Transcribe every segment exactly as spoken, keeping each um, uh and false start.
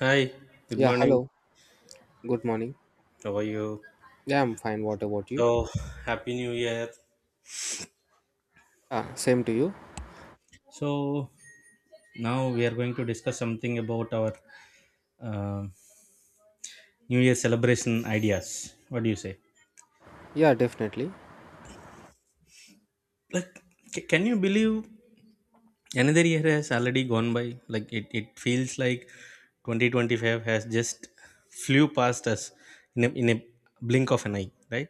Hi, good Yeah, morning. hello. Good morning. How are you? Yeah, I'm fine. What about you? So, Happy new year. Ah, same to you. So, Now we are going to discuss something about our uh, new year celebration ideas. What do you say? Yeah, definitely. Like, c- can you believe another year has already gone by? Like, it, it feels like twenty twenty-five has just flew past us in a, in a blink of an eye, right?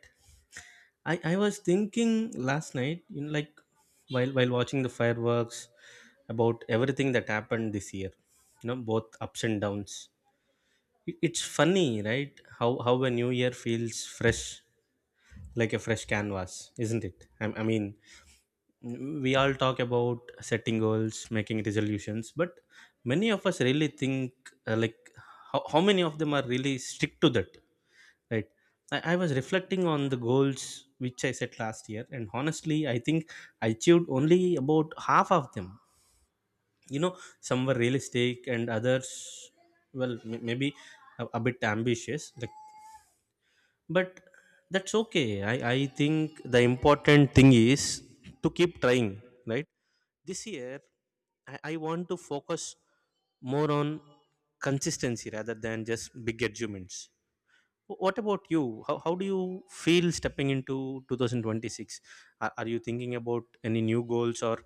I, I was thinking last night, you know, like while while watching the fireworks about everything that happened this year, you know, both ups and downs. I- it's funny, right, how how a new year feels fresh, like a fresh canvas, isn't it? I, I mean, we all talk about setting goals, making resolutions, but many of us really think, uh, like how, how many of them are really stick to that, right? I, I was reflecting on the goals which I set last year, and honestly I think I achieved only about half of them, you know. Some were realistic and others, well, m- maybe a, a bit ambitious, like, but that's okay. I, I think the important thing is to keep trying, right? This year, I, I want to focus more on consistency rather than just big achievements. Wh- What about you? How, how do you feel stepping into twenty twenty-six? Are, are you thinking about any new goals or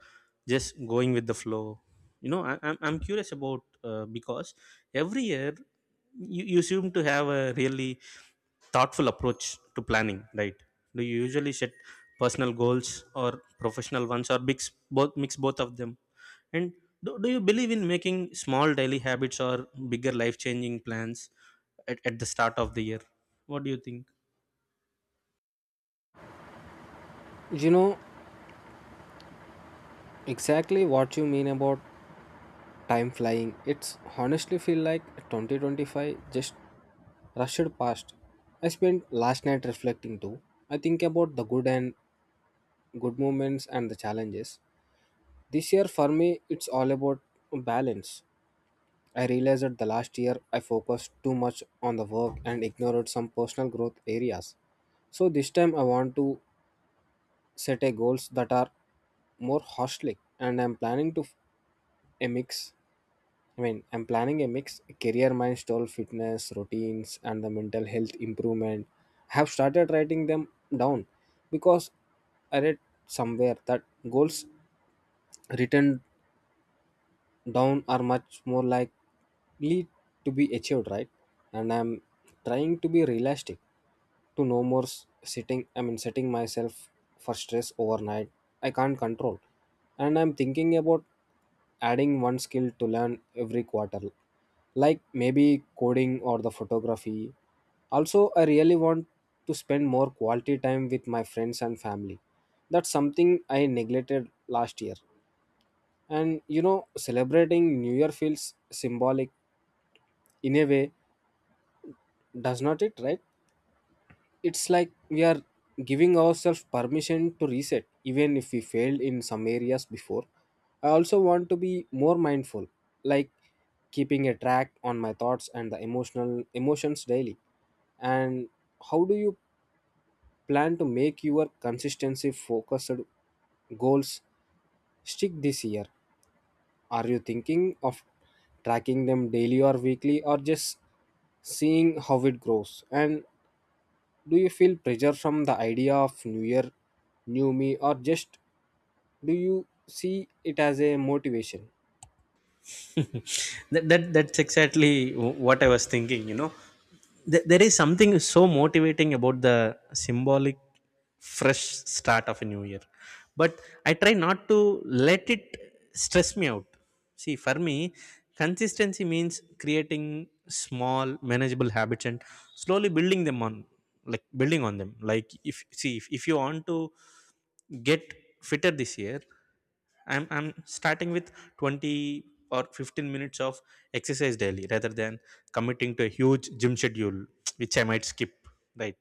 just going with the flow? You know, I, I'm, I'm curious about, uh, because every year you, you seem to have a really thoughtful approach to planning, right? Do you usually set personal goals or professional ones, or mix both mix both of them? And do, do you believe in making small daily habits or bigger life changing plans at, at the start of the year? What do you think? You know exactly what you mean about time flying. It's honestly feel like twenty twenty-five just rushed past. I spent last night reflecting too. I think about the good and good moments and the challenges. This year for me, it's all about balance. I realized that the last year I focused too much on the work and ignored some personal growth areas. So this time I want to set a goals that are more holistic, and I'm planning to f- a mix I mean I'm planning a mix career milestone, fitness routines, and the mental health improvement. I have started writing them down because I read somewhere that goals written down are much more likely to be achieved, right? And I'm trying to be realistic to no more s- sitting, I mean, setting myself for stress overnight. I can't control. And I'm thinking about adding one skill to learn every quarter, like maybe coding or the photography. Also, I really want to spend more quality time with my friends and family. That's something I neglected last year. And you know, celebrating New Year feels symbolic in a way, does not it, right? It's like we are giving ourselves permission to reset, even if we failed in some areas before. I also want to be more mindful, like keeping a track on my thoughts and the emotional emotions daily. And how do you plan to make your consistency focused goals stick this year? Are you thinking of tracking them daily or weekly or just seeing how it grows? And do you feel pressure from the idea of new year, new me, or just do you see it as a motivation? that, that that's exactly wh- what I was thinking, you know. Th- there is something so motivating about the symbolic fresh start of a new year, but I try not to let it stress me out. See, for me consistency means creating small manageable habits and slowly building them on like building on them. Like, if see, if, if you want to get fitter this year, I'm I'm starting with twenty or fifteen minutes of exercise daily rather than committing to a huge gym schedule, which I might skip, right?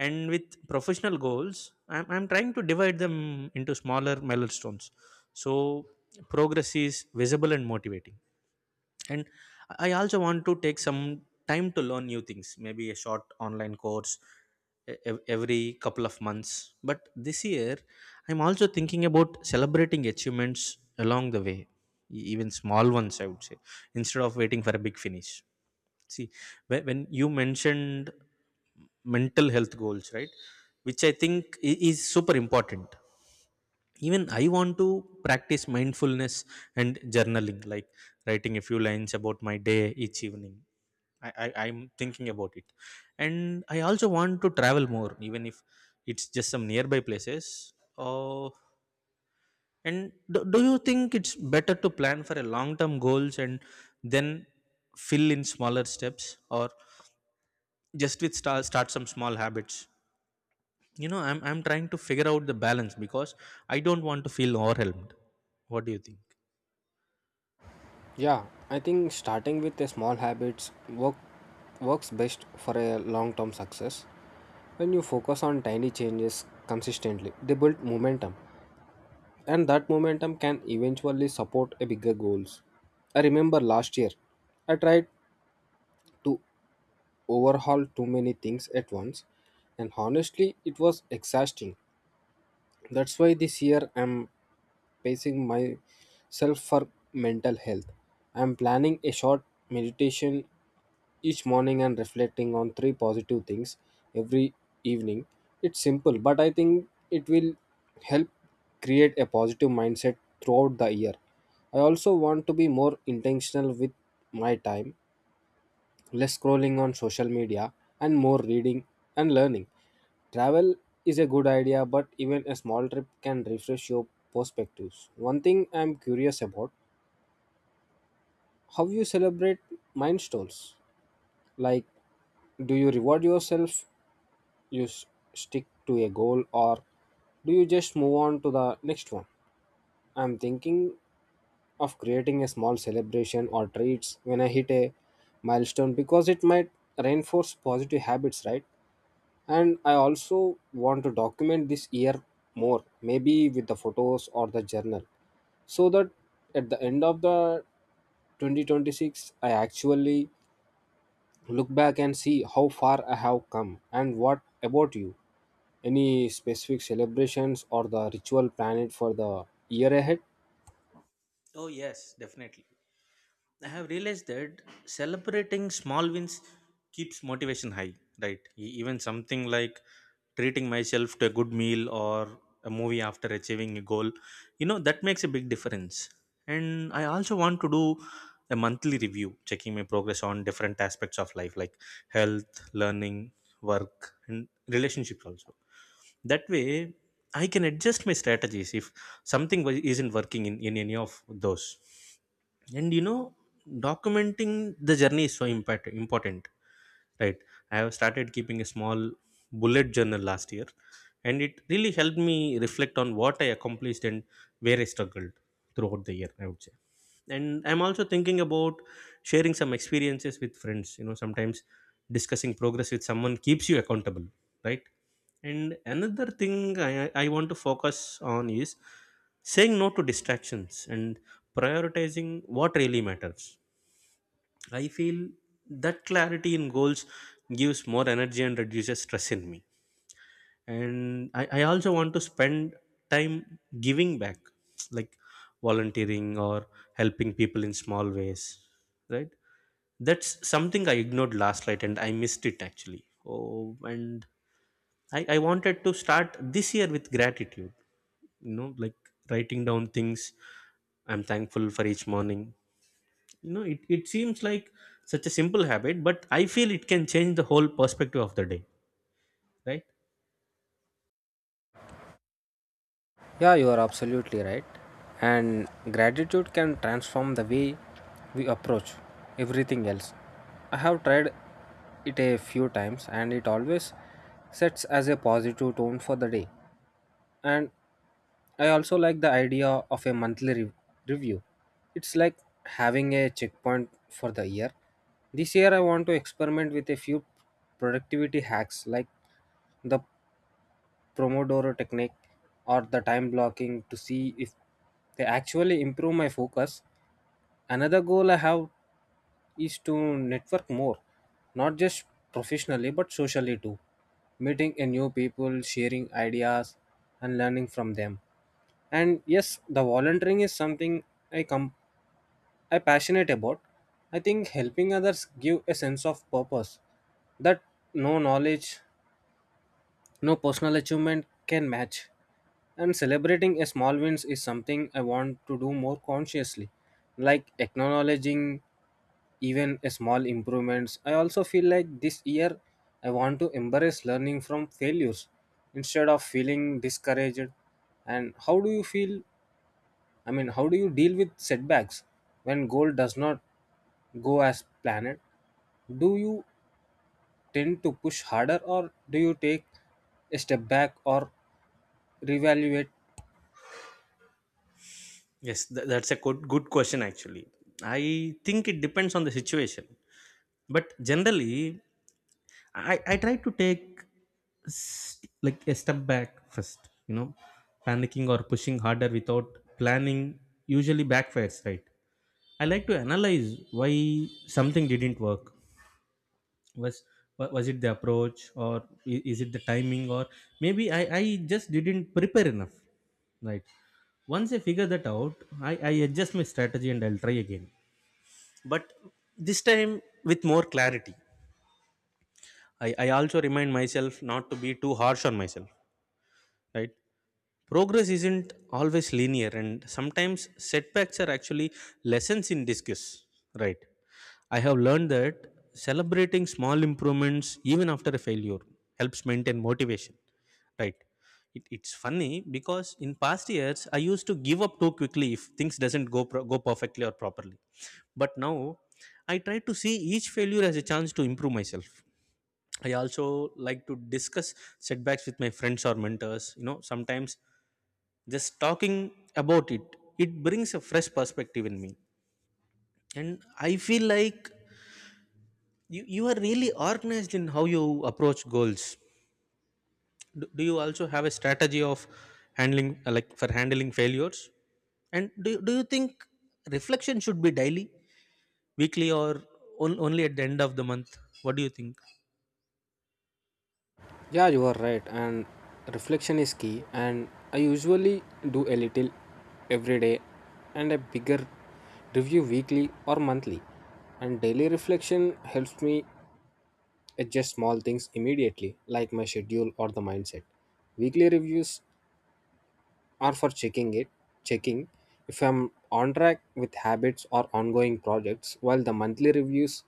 And with professional goals, I'm, I'm trying to divide them into smaller milestones, so progress is visible and motivating. And I also want to take some time to learn new things, maybe a short online course e- ev- every couple of months. But this year I'm also thinking about celebrating achievements along the way, e- even small ones, I would say, instead of waiting for a big finish. See, whe- when you mentioned mental health goals, right, which I think i- is super important, even I want to practice mindfulness and journaling, like writing a few lines about my day each evening. I, I i'm thinking about it. And I also want to travel more, even if it's just some nearby places. Oh, and do, do you think it's better to plan for a long term goals and then fill in smaller steps, or just with start, start some small habits? You know, i'm i'm trying to figure out the balance because I don't want to feel overwhelmed. What do you think? Yeah, I think starting with a small habits work works best for a long-term success. When you focus on tiny changes consistently, they build momentum, and that momentum can eventually support a bigger goals. I remember last year I tried to overhaul too many things at once, and honestly, it was exhausting. That's why this year I'm pacing myself for mental health. I'm planning a short meditation each morning and reflecting on three positive things every evening. It's simple, but I think it will help create a positive mindset throughout the year. I also want to be more intentional with my time, less scrolling on social media, and more reading and learning. Travel is a good idea, but even a small trip can refresh your perspectives. One thing I'm curious about how you celebrate milestones. Like, do you reward yourself, you s- stick to a goal, or do you just move on to the next one? I'm thinking of creating a small celebration or treats when I hit a milestone because it might reinforce positive habits, right? And I also want to document this year more, maybe with the photos or the journal, so that at the end of the twenty twenty-six, I actually look back and see how far I have come. And what about you? Any specific celebrations or the ritual planned for the year ahead? Oh, yes, definitely. I have realized that celebrating small wins keeps motivation high, right? E- Even something like treating myself to a good meal or a movie after achieving a goal, you know, that makes a big difference. And I also want to do a monthly review, checking my progress on different aspects of life, like health, learning, work, and relationships also. That way, I can adjust my strategies if something wa- isn't working in, in any of those. And you know, documenting the journey is so impact, important, right? I have started keeping a small bullet journal last year, and it really helped me reflect on what I accomplished and where I struggled throughout the year, I would say. And I'm also thinking about sharing some experiences with friends. You know, sometimes discussing progress with someone keeps you accountable, right? And another thing I, I want to focus on is saying no to distractions and prioritizing what really matters. I feel that clarity in goals gives more energy and reduces stress in me. And I, I also want to spend time giving back, like volunteering or helping people in small ways, right? That's something I ignored last night and I missed it actually. Oh, and I, I wanted to start this year with gratitude, you know, like writing down things I'm thankful for each morning. You know, it, it seems like such a simple habit, but I feel it can change the whole perspective of the day, right? Yeah, you are absolutely right. And gratitude can transform the way we approach everything else. I have tried it a few times and it always sets as a positive tone for the day. And I also like the idea of a monthly re- review. It's like having a checkpoint for the year. This year I want to experiment with a few productivity hacks like the Pomodoro technique or the time blocking to see if they actually improve my focus. Another goal I have is to network more, not just professionally but socially too. Meeting a new people, sharing ideas, and learning from them. And yes, the volunteering is something I come I passionate about. I think helping others give a sense of purpose that no knowledge no personal achievement can match. And celebrating a small wins is something I want to do more consciously, like acknowledging even a small improvements. I also feel like this year I want to embrace learning from failures instead of feeling discouraged. And how do you feel? I mean, how do you deal with setbacks when goal does not go as planned? Do you tend to push harder or do you take a step back or reevaluate? Yes, th- that's a good, good question actually. I think it depends on the situation. But generally, I, I try to take s- like a step back first. You know, panicking or pushing harder without planning usually backfires, right? I like to analyze why something didn't work. Was wa- was it the approach, or i- is it the timing, or maybe I i just didn't prepare enough, right? Once I figure that out, i i adjust my strategy and I'll try again, but this time with more clarity. I i also remind myself not to be too harsh on myself, right? Progress isn't always linear, and sometimes setbacks are actually lessons in disguise, right? I have learned that celebrating small improvements, even after a failure, helps maintain motivation, right? It, it's funny because in past years I used to give up too quickly if things doesn't go pro- go perfectly or properly. But now I try to see each failure as a chance to improve myself. I also like to discuss setbacks with my friends or mentors. You know, sometimes just talking about it, it brings a fresh perspective in me. And I feel like you you are really organized in how you approach goals. Do, do you also have a strategy of handling, uh, like for handling failures? And do, do you think reflection should be daily, weekly, or on, only at the end of the month? What do you think? Yeah, you are right. And reflection is key. And I usually do a little every day and a bigger review weekly or monthly. And daily reflection helps me adjust small things immediately, like my schedule or the mindset. Weekly reviews are for checking it, checking if I'm on track with habits or ongoing projects, while the monthly reviews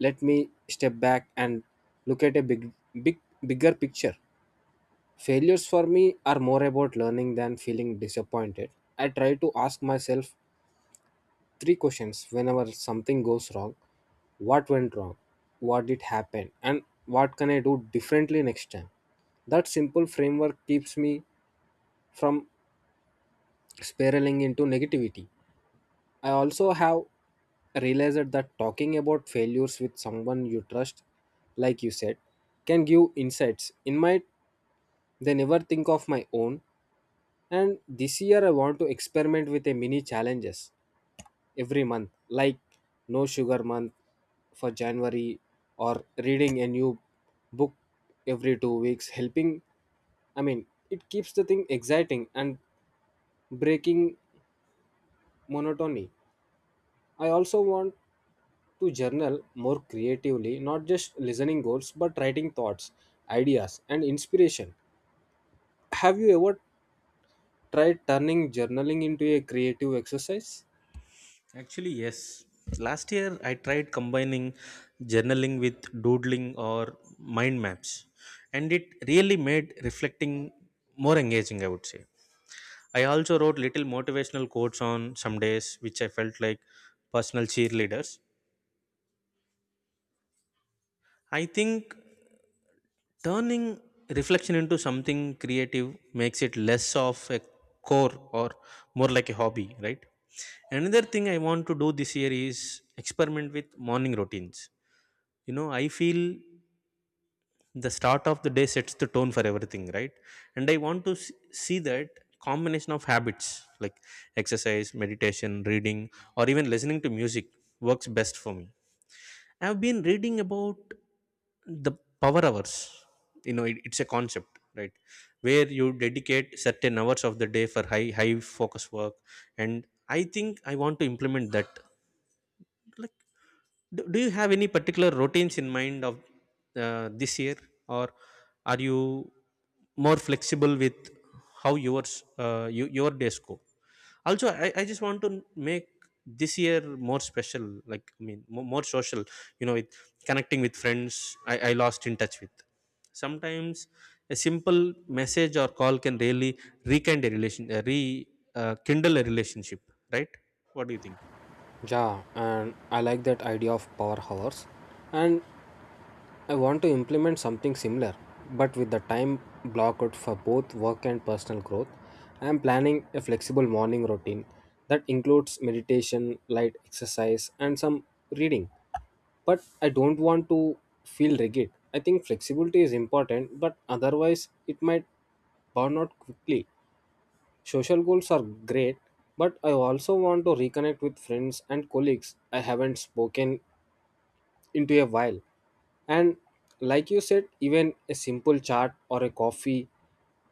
let me step back and look at a big big bigger picture. Failures for me are more about learning than feeling disappointed. I try to ask myself three questions whenever something goes wrong: what went wrong, what did happen, and what can I do differently next time. That simple framework keeps me from spiraling into negativity. I also have realized that talking about failures with someone you trust, like you said, can give insights. In my they never think of my own. And this year, I want to experiment with a mini challenges every month, like no sugar month for January, or reading a new book every two weeks. Helping, I mean, it keeps the thing exciting and breaking monotony. I also want to journal more creatively, not just listening goals, but writing thoughts, ideas, and inspiration. Have you ever tried turning journaling into a creative exercise? Actually, yes, last year I tried combining journaling with doodling or mind maps, and it really made reflecting more engaging, I would say. I also wrote little motivational quotes on some days, which I felt like personal cheerleaders. I think turning reflection into something creative makes it less of a core or more like a hobby, right? Another thing I want to do this year is experiment with morning routines. You know, I feel the start of the day sets the tone for everything, right? And I want to s- see that combination of habits like exercise, meditation, reading, or even listening to music works best for me. I've been reading about the power hours. You know, it, it's a concept, right, where you dedicate certain hours of the day for high high focus work, and I think I want to implement that. Like, do, do you have any particular routines in mind of, uh, this year, or are you more flexible with how yours, uh, you, your days go? Also, I, I just want to make this year more special, like I mean, more, more social, you know, with connecting with friends I, I lost in touch with. Sometimes a simple message or call can really rekindle a relation uh, re uh, kindle a relationship, right? What do you think? Yeah, and I like that idea of power hours. And I want to implement something similar, but with the time block out for both work and personal growth. I am planning a flexible morning routine that includes meditation, light exercise, and some reading. But I don't want to feel rigid. I think flexibility is important, but otherwise, it might burn out quickly. Social goals are great, but I also want to reconnect with friends and colleagues I haven't spoken into a while. And like you said, even a simple chat or a coffee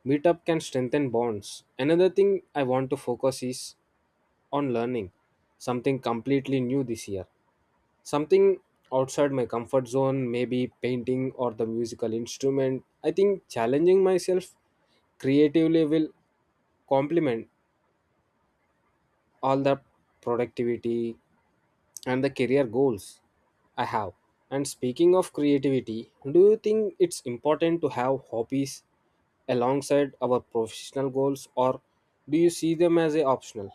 meetup can strengthen bonds. Another thing I want to focus is on learning something completely new this year. Something outside my comfort zone, maybe painting or the musical instrument. I think challenging myself creatively will complement all the productivity and the career goals I have. And speaking of creativity, do you think it's important to have hobbies alongside our professional goals, or do you see them as a optional?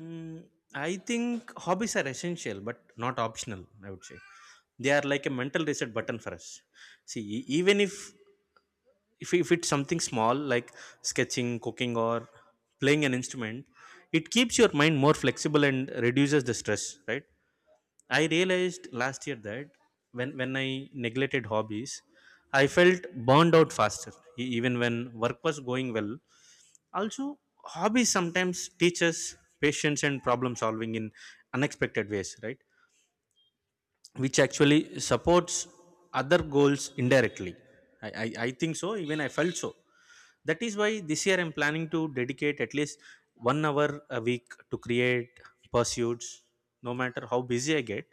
Mm, I think hobbies are essential but not optional, I would say. They are like a mental reset button for us. See, e- even if if, if it's something small like sketching, cooking, or playing an instrument, it keeps your mind more flexible and reduces the stress, right? I realized last year that when when I neglected hobbies, I felt burned out faster. E- Even when work was going well, also hobbies sometimes teach us patience and problem solving in unexpected ways, right? Which actually supports other goals indirectly. I, I, I think so, even I felt so. That is why this year I'm planning to dedicate at least one hour a week to create pursuits, no matter how busy I get.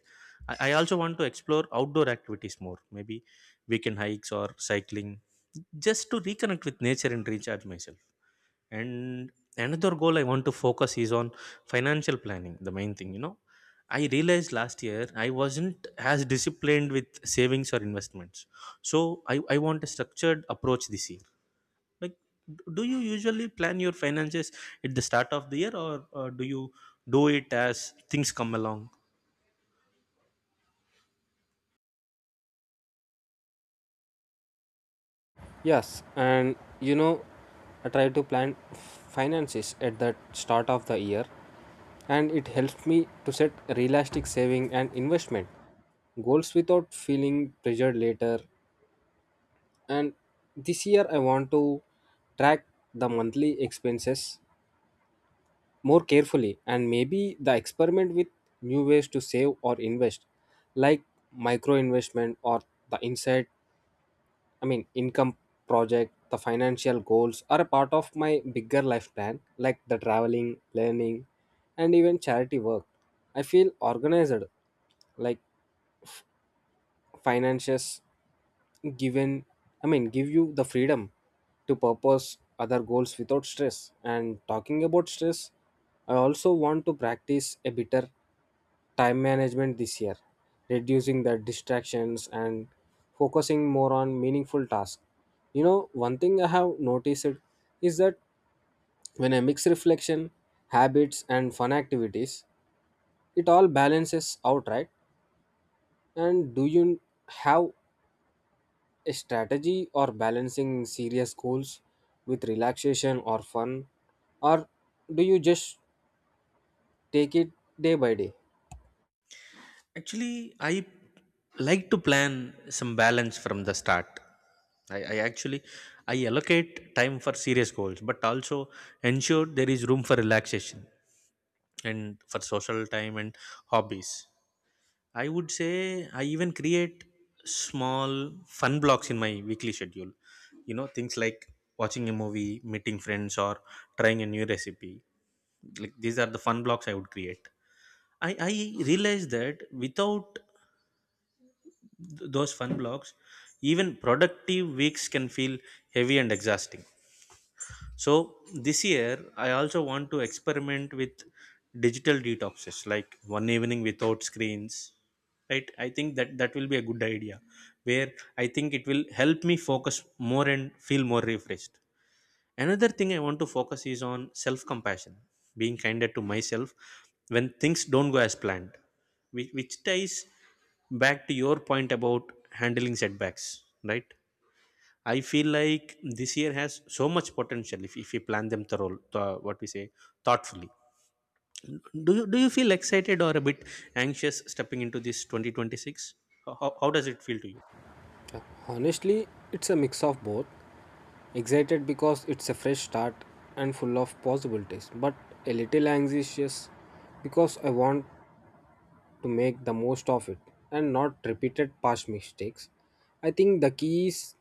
I, I also want to explore outdoor activities more, maybe weekend hikes or cycling, just to reconnect with nature and recharge myself. And another goal I want to focus is on financial planning, the main thing, you know. I realized last year I wasn't as disciplined with savings or investments, so i, I want a structured approach this year. Like, d- do you usually plan your finances at the start of the year, or, or do you do it as things come along? Yes, and you know, I try to plan finances at the start of the year, and it helps me to set realistic saving and investment goals without feeling pressured later. And this year I want to track the monthly expenses more carefully and maybe the experiment with new ways to save or invest, like micro investment or the inside, I mean, income project. The financial goals are a part of my bigger life plan, like the traveling, learning, and even charity work. I feel organized, like finances given I mean give you the freedom to purpose other goals without stress. And talking about stress, I also want to practice a better time management this year, reducing the distractions and focusing more on meaningful tasks. You know, one thing I have noticed is that when I mix reflection, habits, and fun activities, it all balances out, right? And do you have a strategy or balancing serious goals with relaxation or fun, or do you just take it day by day? Actually, I like to plan some balance from the start. I, I actually, I allocate time for serious goals, but also ensure there is room for relaxation and for social time and hobbies. I would say I even create small fun blocks in my weekly schedule. You know, things like watching a movie, meeting friends, or trying a new recipe. Like, these are the fun blocks I would create. I, I realized that without th- those fun blocks, even productive weeks can feel heavy and exhausting. So this year, I also want to experiment with digital detoxes, like one evening without screens. Right? I think that that will be a good idea, where I think it will help me focus more and feel more refreshed. Another thing I want to focus is on self-compassion, being kinder to myself when things don't go as planned, which, which ties back to your point about handling setbacks, right? I feel like this year has so much potential if, if we plan them thorough, uh, what we say, thoughtfully. Do you do you feel excited or a bit anxious stepping into this twenty twenty-six? How, how how does it feel to you? Honestly, it's a mix of both. Excited because it's a fresh start and full of possibilities, but a little anxious because I want to make the most of it and not repeated past mistakes. I think the key is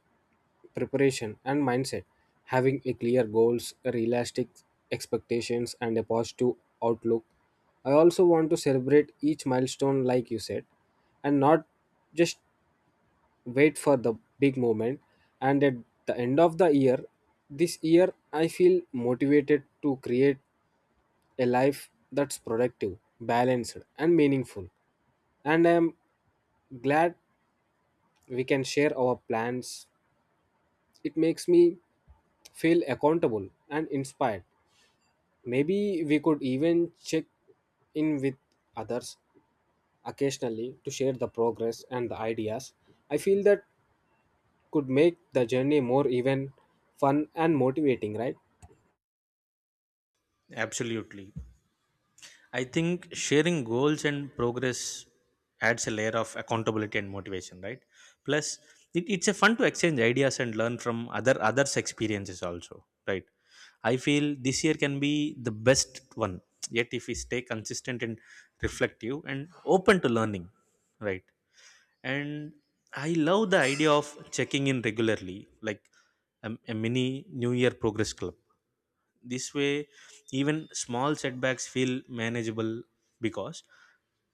preparation and mindset, having a clear goals, realistic expectations, and a positive outlook. I also want to celebrate each milestone like you said, and not just wait for the big moment and at the end of the year. This year I feel motivated to create a life that's productive, balanced, and meaningful. And I am glad we can share our plans. It makes me feel accountable and inspired. Maybe we could even check in with others occasionally to share the progress and the ideas. I feel that could make the journey more even fun and motivating, right? Absolutely. I think sharing goals and progress adds a layer of accountability and motivation, right? Plus, it, it's a fun to exchange ideas and learn from other others' experiences also, right? I feel this year can be the best one. Yet, if we stay consistent and reflective and open to learning, right? And I love the idea of checking in regularly, like a, a mini New Year progress club. This way, even small setbacks feel manageable because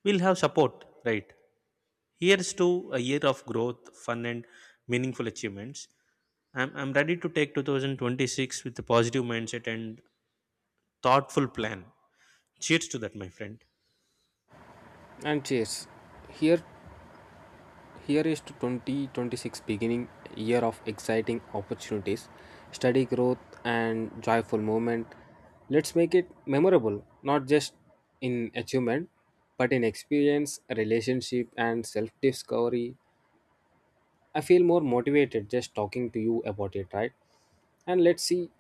we'll have support, right? Here's to a year of growth, fun, and meaningful achievements. I'm, I'm ready to take two thousand twenty-six with a positive mindset and thoughtful plan. Cheers to that, my friend. And cheers. Here Here is to twenty twenty-six, beginning year of exciting opportunities, steady growth, and joyful moment. Let's make it memorable, not just in achievement, but in experience, relationship, and self-discovery. I feel more motivated just talking to you about it, right? And let's see,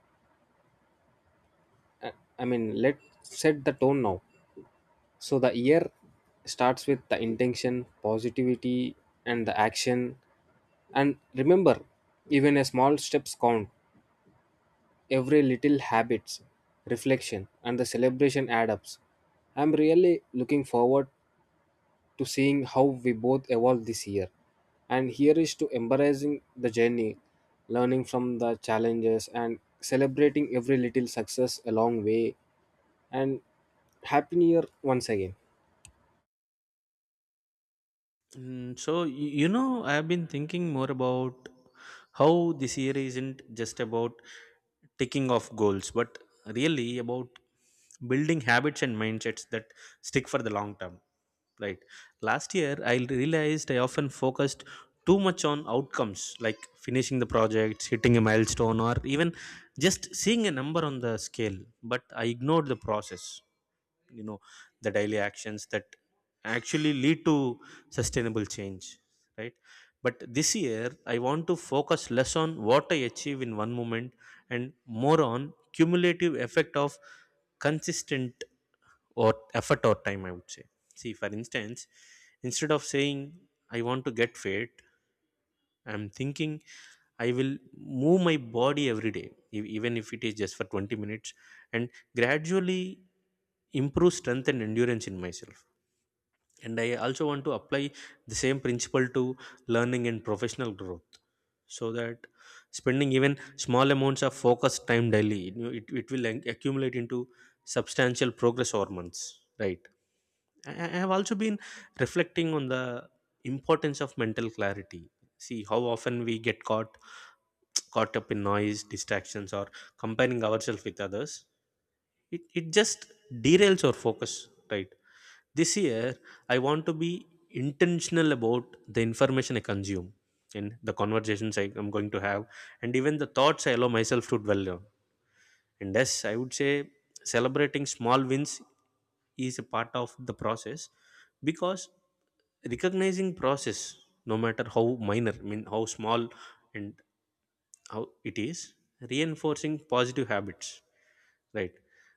I mean, let's set the tone now, so the year starts with the intention, positivity, and the action. And remember, even a small steps count. Every little habits, reflection, and the celebration add ups. I'm really looking forward to seeing how we both evolve this year. And here is to embracing the journey, learning from the challenges, and celebrating every little success along way. And happy new year once again. Mm, so y- you know I have been thinking more about how this year isn't just about ticking off goals, but really about building habits and mindsets that stick for the long term, right? Last year I realized I often focused too much on outcomes, like finishing the projects, hitting a milestone, or even just seeing a number on the scale, but I ignored the process, you know, the daily actions that actually lead to sustainable change, right? But this year I want to focus less on what I achieve in one moment and more on cumulative effect of consistent or effort or time, I would say. See, for instance, instead of saying I want to get fit, I'm thinking I will move my body every day, e- even if it is just for twenty minutes, and gradually improve strength and endurance in myself. And I also want to apply the same principle to learning and professional growth, so that spending even small amounts of focused time daily, you know, it, it will ac- accumulate into substantial progress over months, right? I I- have also been reflecting on the importance of mental clarity. See how often we get caught caught up in noise, distractions, or comparing ourselves with others. It, it just derails our focus, right? This year, I want to be intentional about the information I consume and the conversations I am going to have, and even the thoughts I allow myself to dwell on. And yes, I would say celebrating small wins is a part of the process, because recognizing process, no matter how minor, I mean how small, and how it is reinforcing positive habits, right?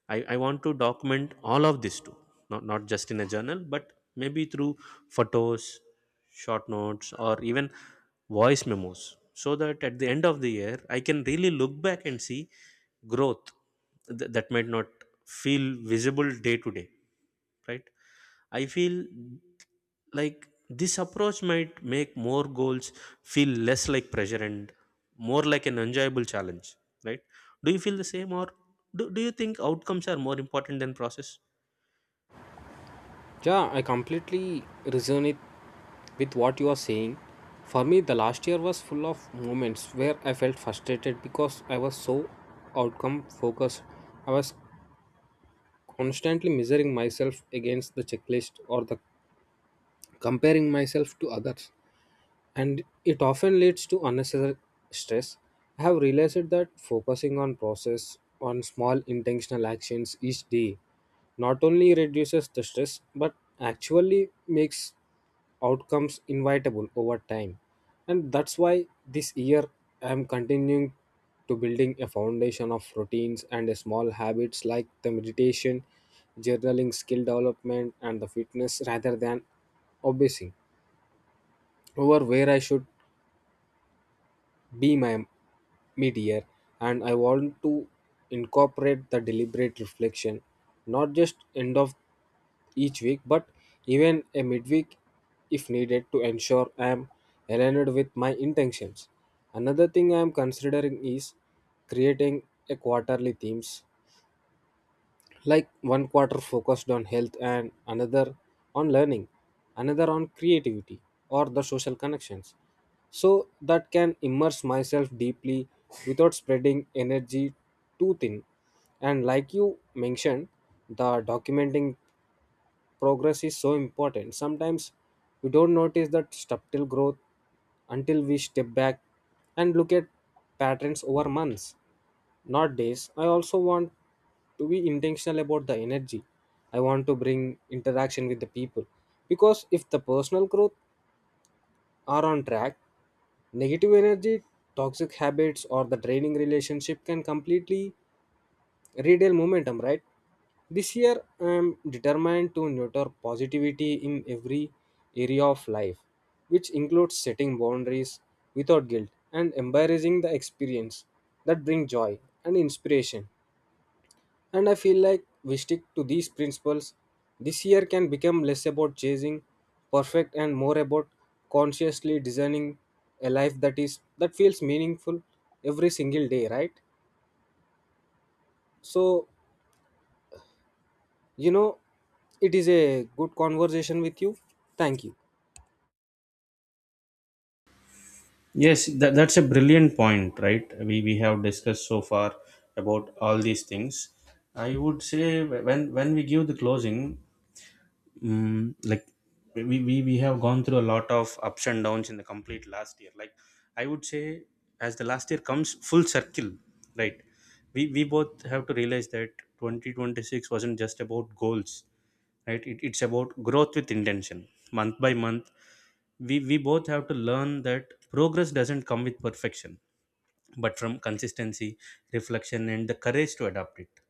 I, I want to document all of this too, not, not just in a journal, but maybe through photos, short notes, or even voice memos, so that at the end of the year I can really look back and see growth th- that might not feel visible day to day, right? I feel like this approach might make more goals feel less like pressure and more like an enjoyable challenge, right? Do you feel the same, or do, do you think outcomes are more important than process? Yeah, I completely resonate with what you are saying. For me, the last year was full of moments where I felt frustrated because I was so outcome focused. I was constantly measuring myself against the checklist or the comparing myself to others, and it often leads to unnecessary stress. I have realized that focusing on process, on small intentional actions each day, not only reduces the stress but actually makes outcomes inevitable over time. And that's why this year I am continuing to building a foundation of routines and small habits like the meditation, journaling, skill development, and the fitness rather than obsessing over where I should be, My Meteor, and I want to incorporate the deliberate reflection, not just end of each week, but even a midweek if needed to ensure I am aligned with my intentions. Another thing I am considering is creating a quarterly themes, like one quarter focused on health, and another on learning, another on creativity or the social connections, so that can immerse myself deeply without spreading energy too thin. And like you mentioned, the documenting progress is so important. Sometimes we don't notice that subtle growth until we step back and look at patterns over months, not days. I also want to be intentional about the energy I want to bring interaction with the people, because if the personal growth are on track, negative energy, toxic habits, or the draining relationship can completely real momentum, right? This year I'm determined to nurture positivity in every area of life, which includes setting boundaries without guilt and embracing the experience that bring joy and inspiration. And I feel like we stick to these principles, this year can become less about chasing perfect and more about consciously designing a life that is that feels meaningful every single day, right? so You know, it is a good conversation with you. Thank you. Yes, that, that's a brilliant point, right? We, we have discussed so far about all these things. I would say wh- when when we give the closing, mm, like, we, we we have gone through a lot of ups and downs in the complete last year. Like, I would say as the last year comes full circle, right, we we both have to realize that twenty twenty-six wasn't just about goals, right, it, it's about growth with intention, month by month. we we both have to learn that progress doesn't come with perfection, but from consistency, reflection, and the courage to adapt it.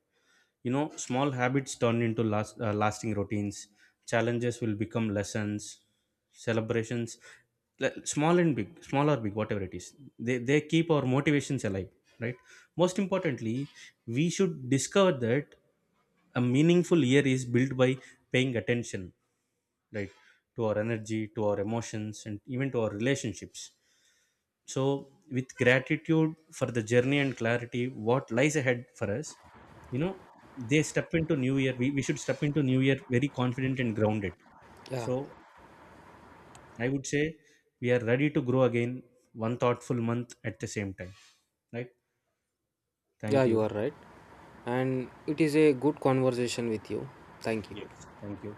You know, small habits turn into last, uh, lasting routines, challenges will become lessons, celebrations, le- small and big, small or big, whatever it is, they, they keep our motivations alive, right? Most importantly, we should discover that a meaningful year is built by paying attention, right, to our energy, to our emotions, and even to our relationships. So, with gratitude for the journey and clarity what lies ahead for us, you know, they step into new year, we, we should step into new year very confident and grounded. Yeah, So, I would say we are ready to grow again, one thoughtful month at the same time, right? yeah, Thank you you. are right. And it is a good conversation with you. Thank you. Yes. Thank you.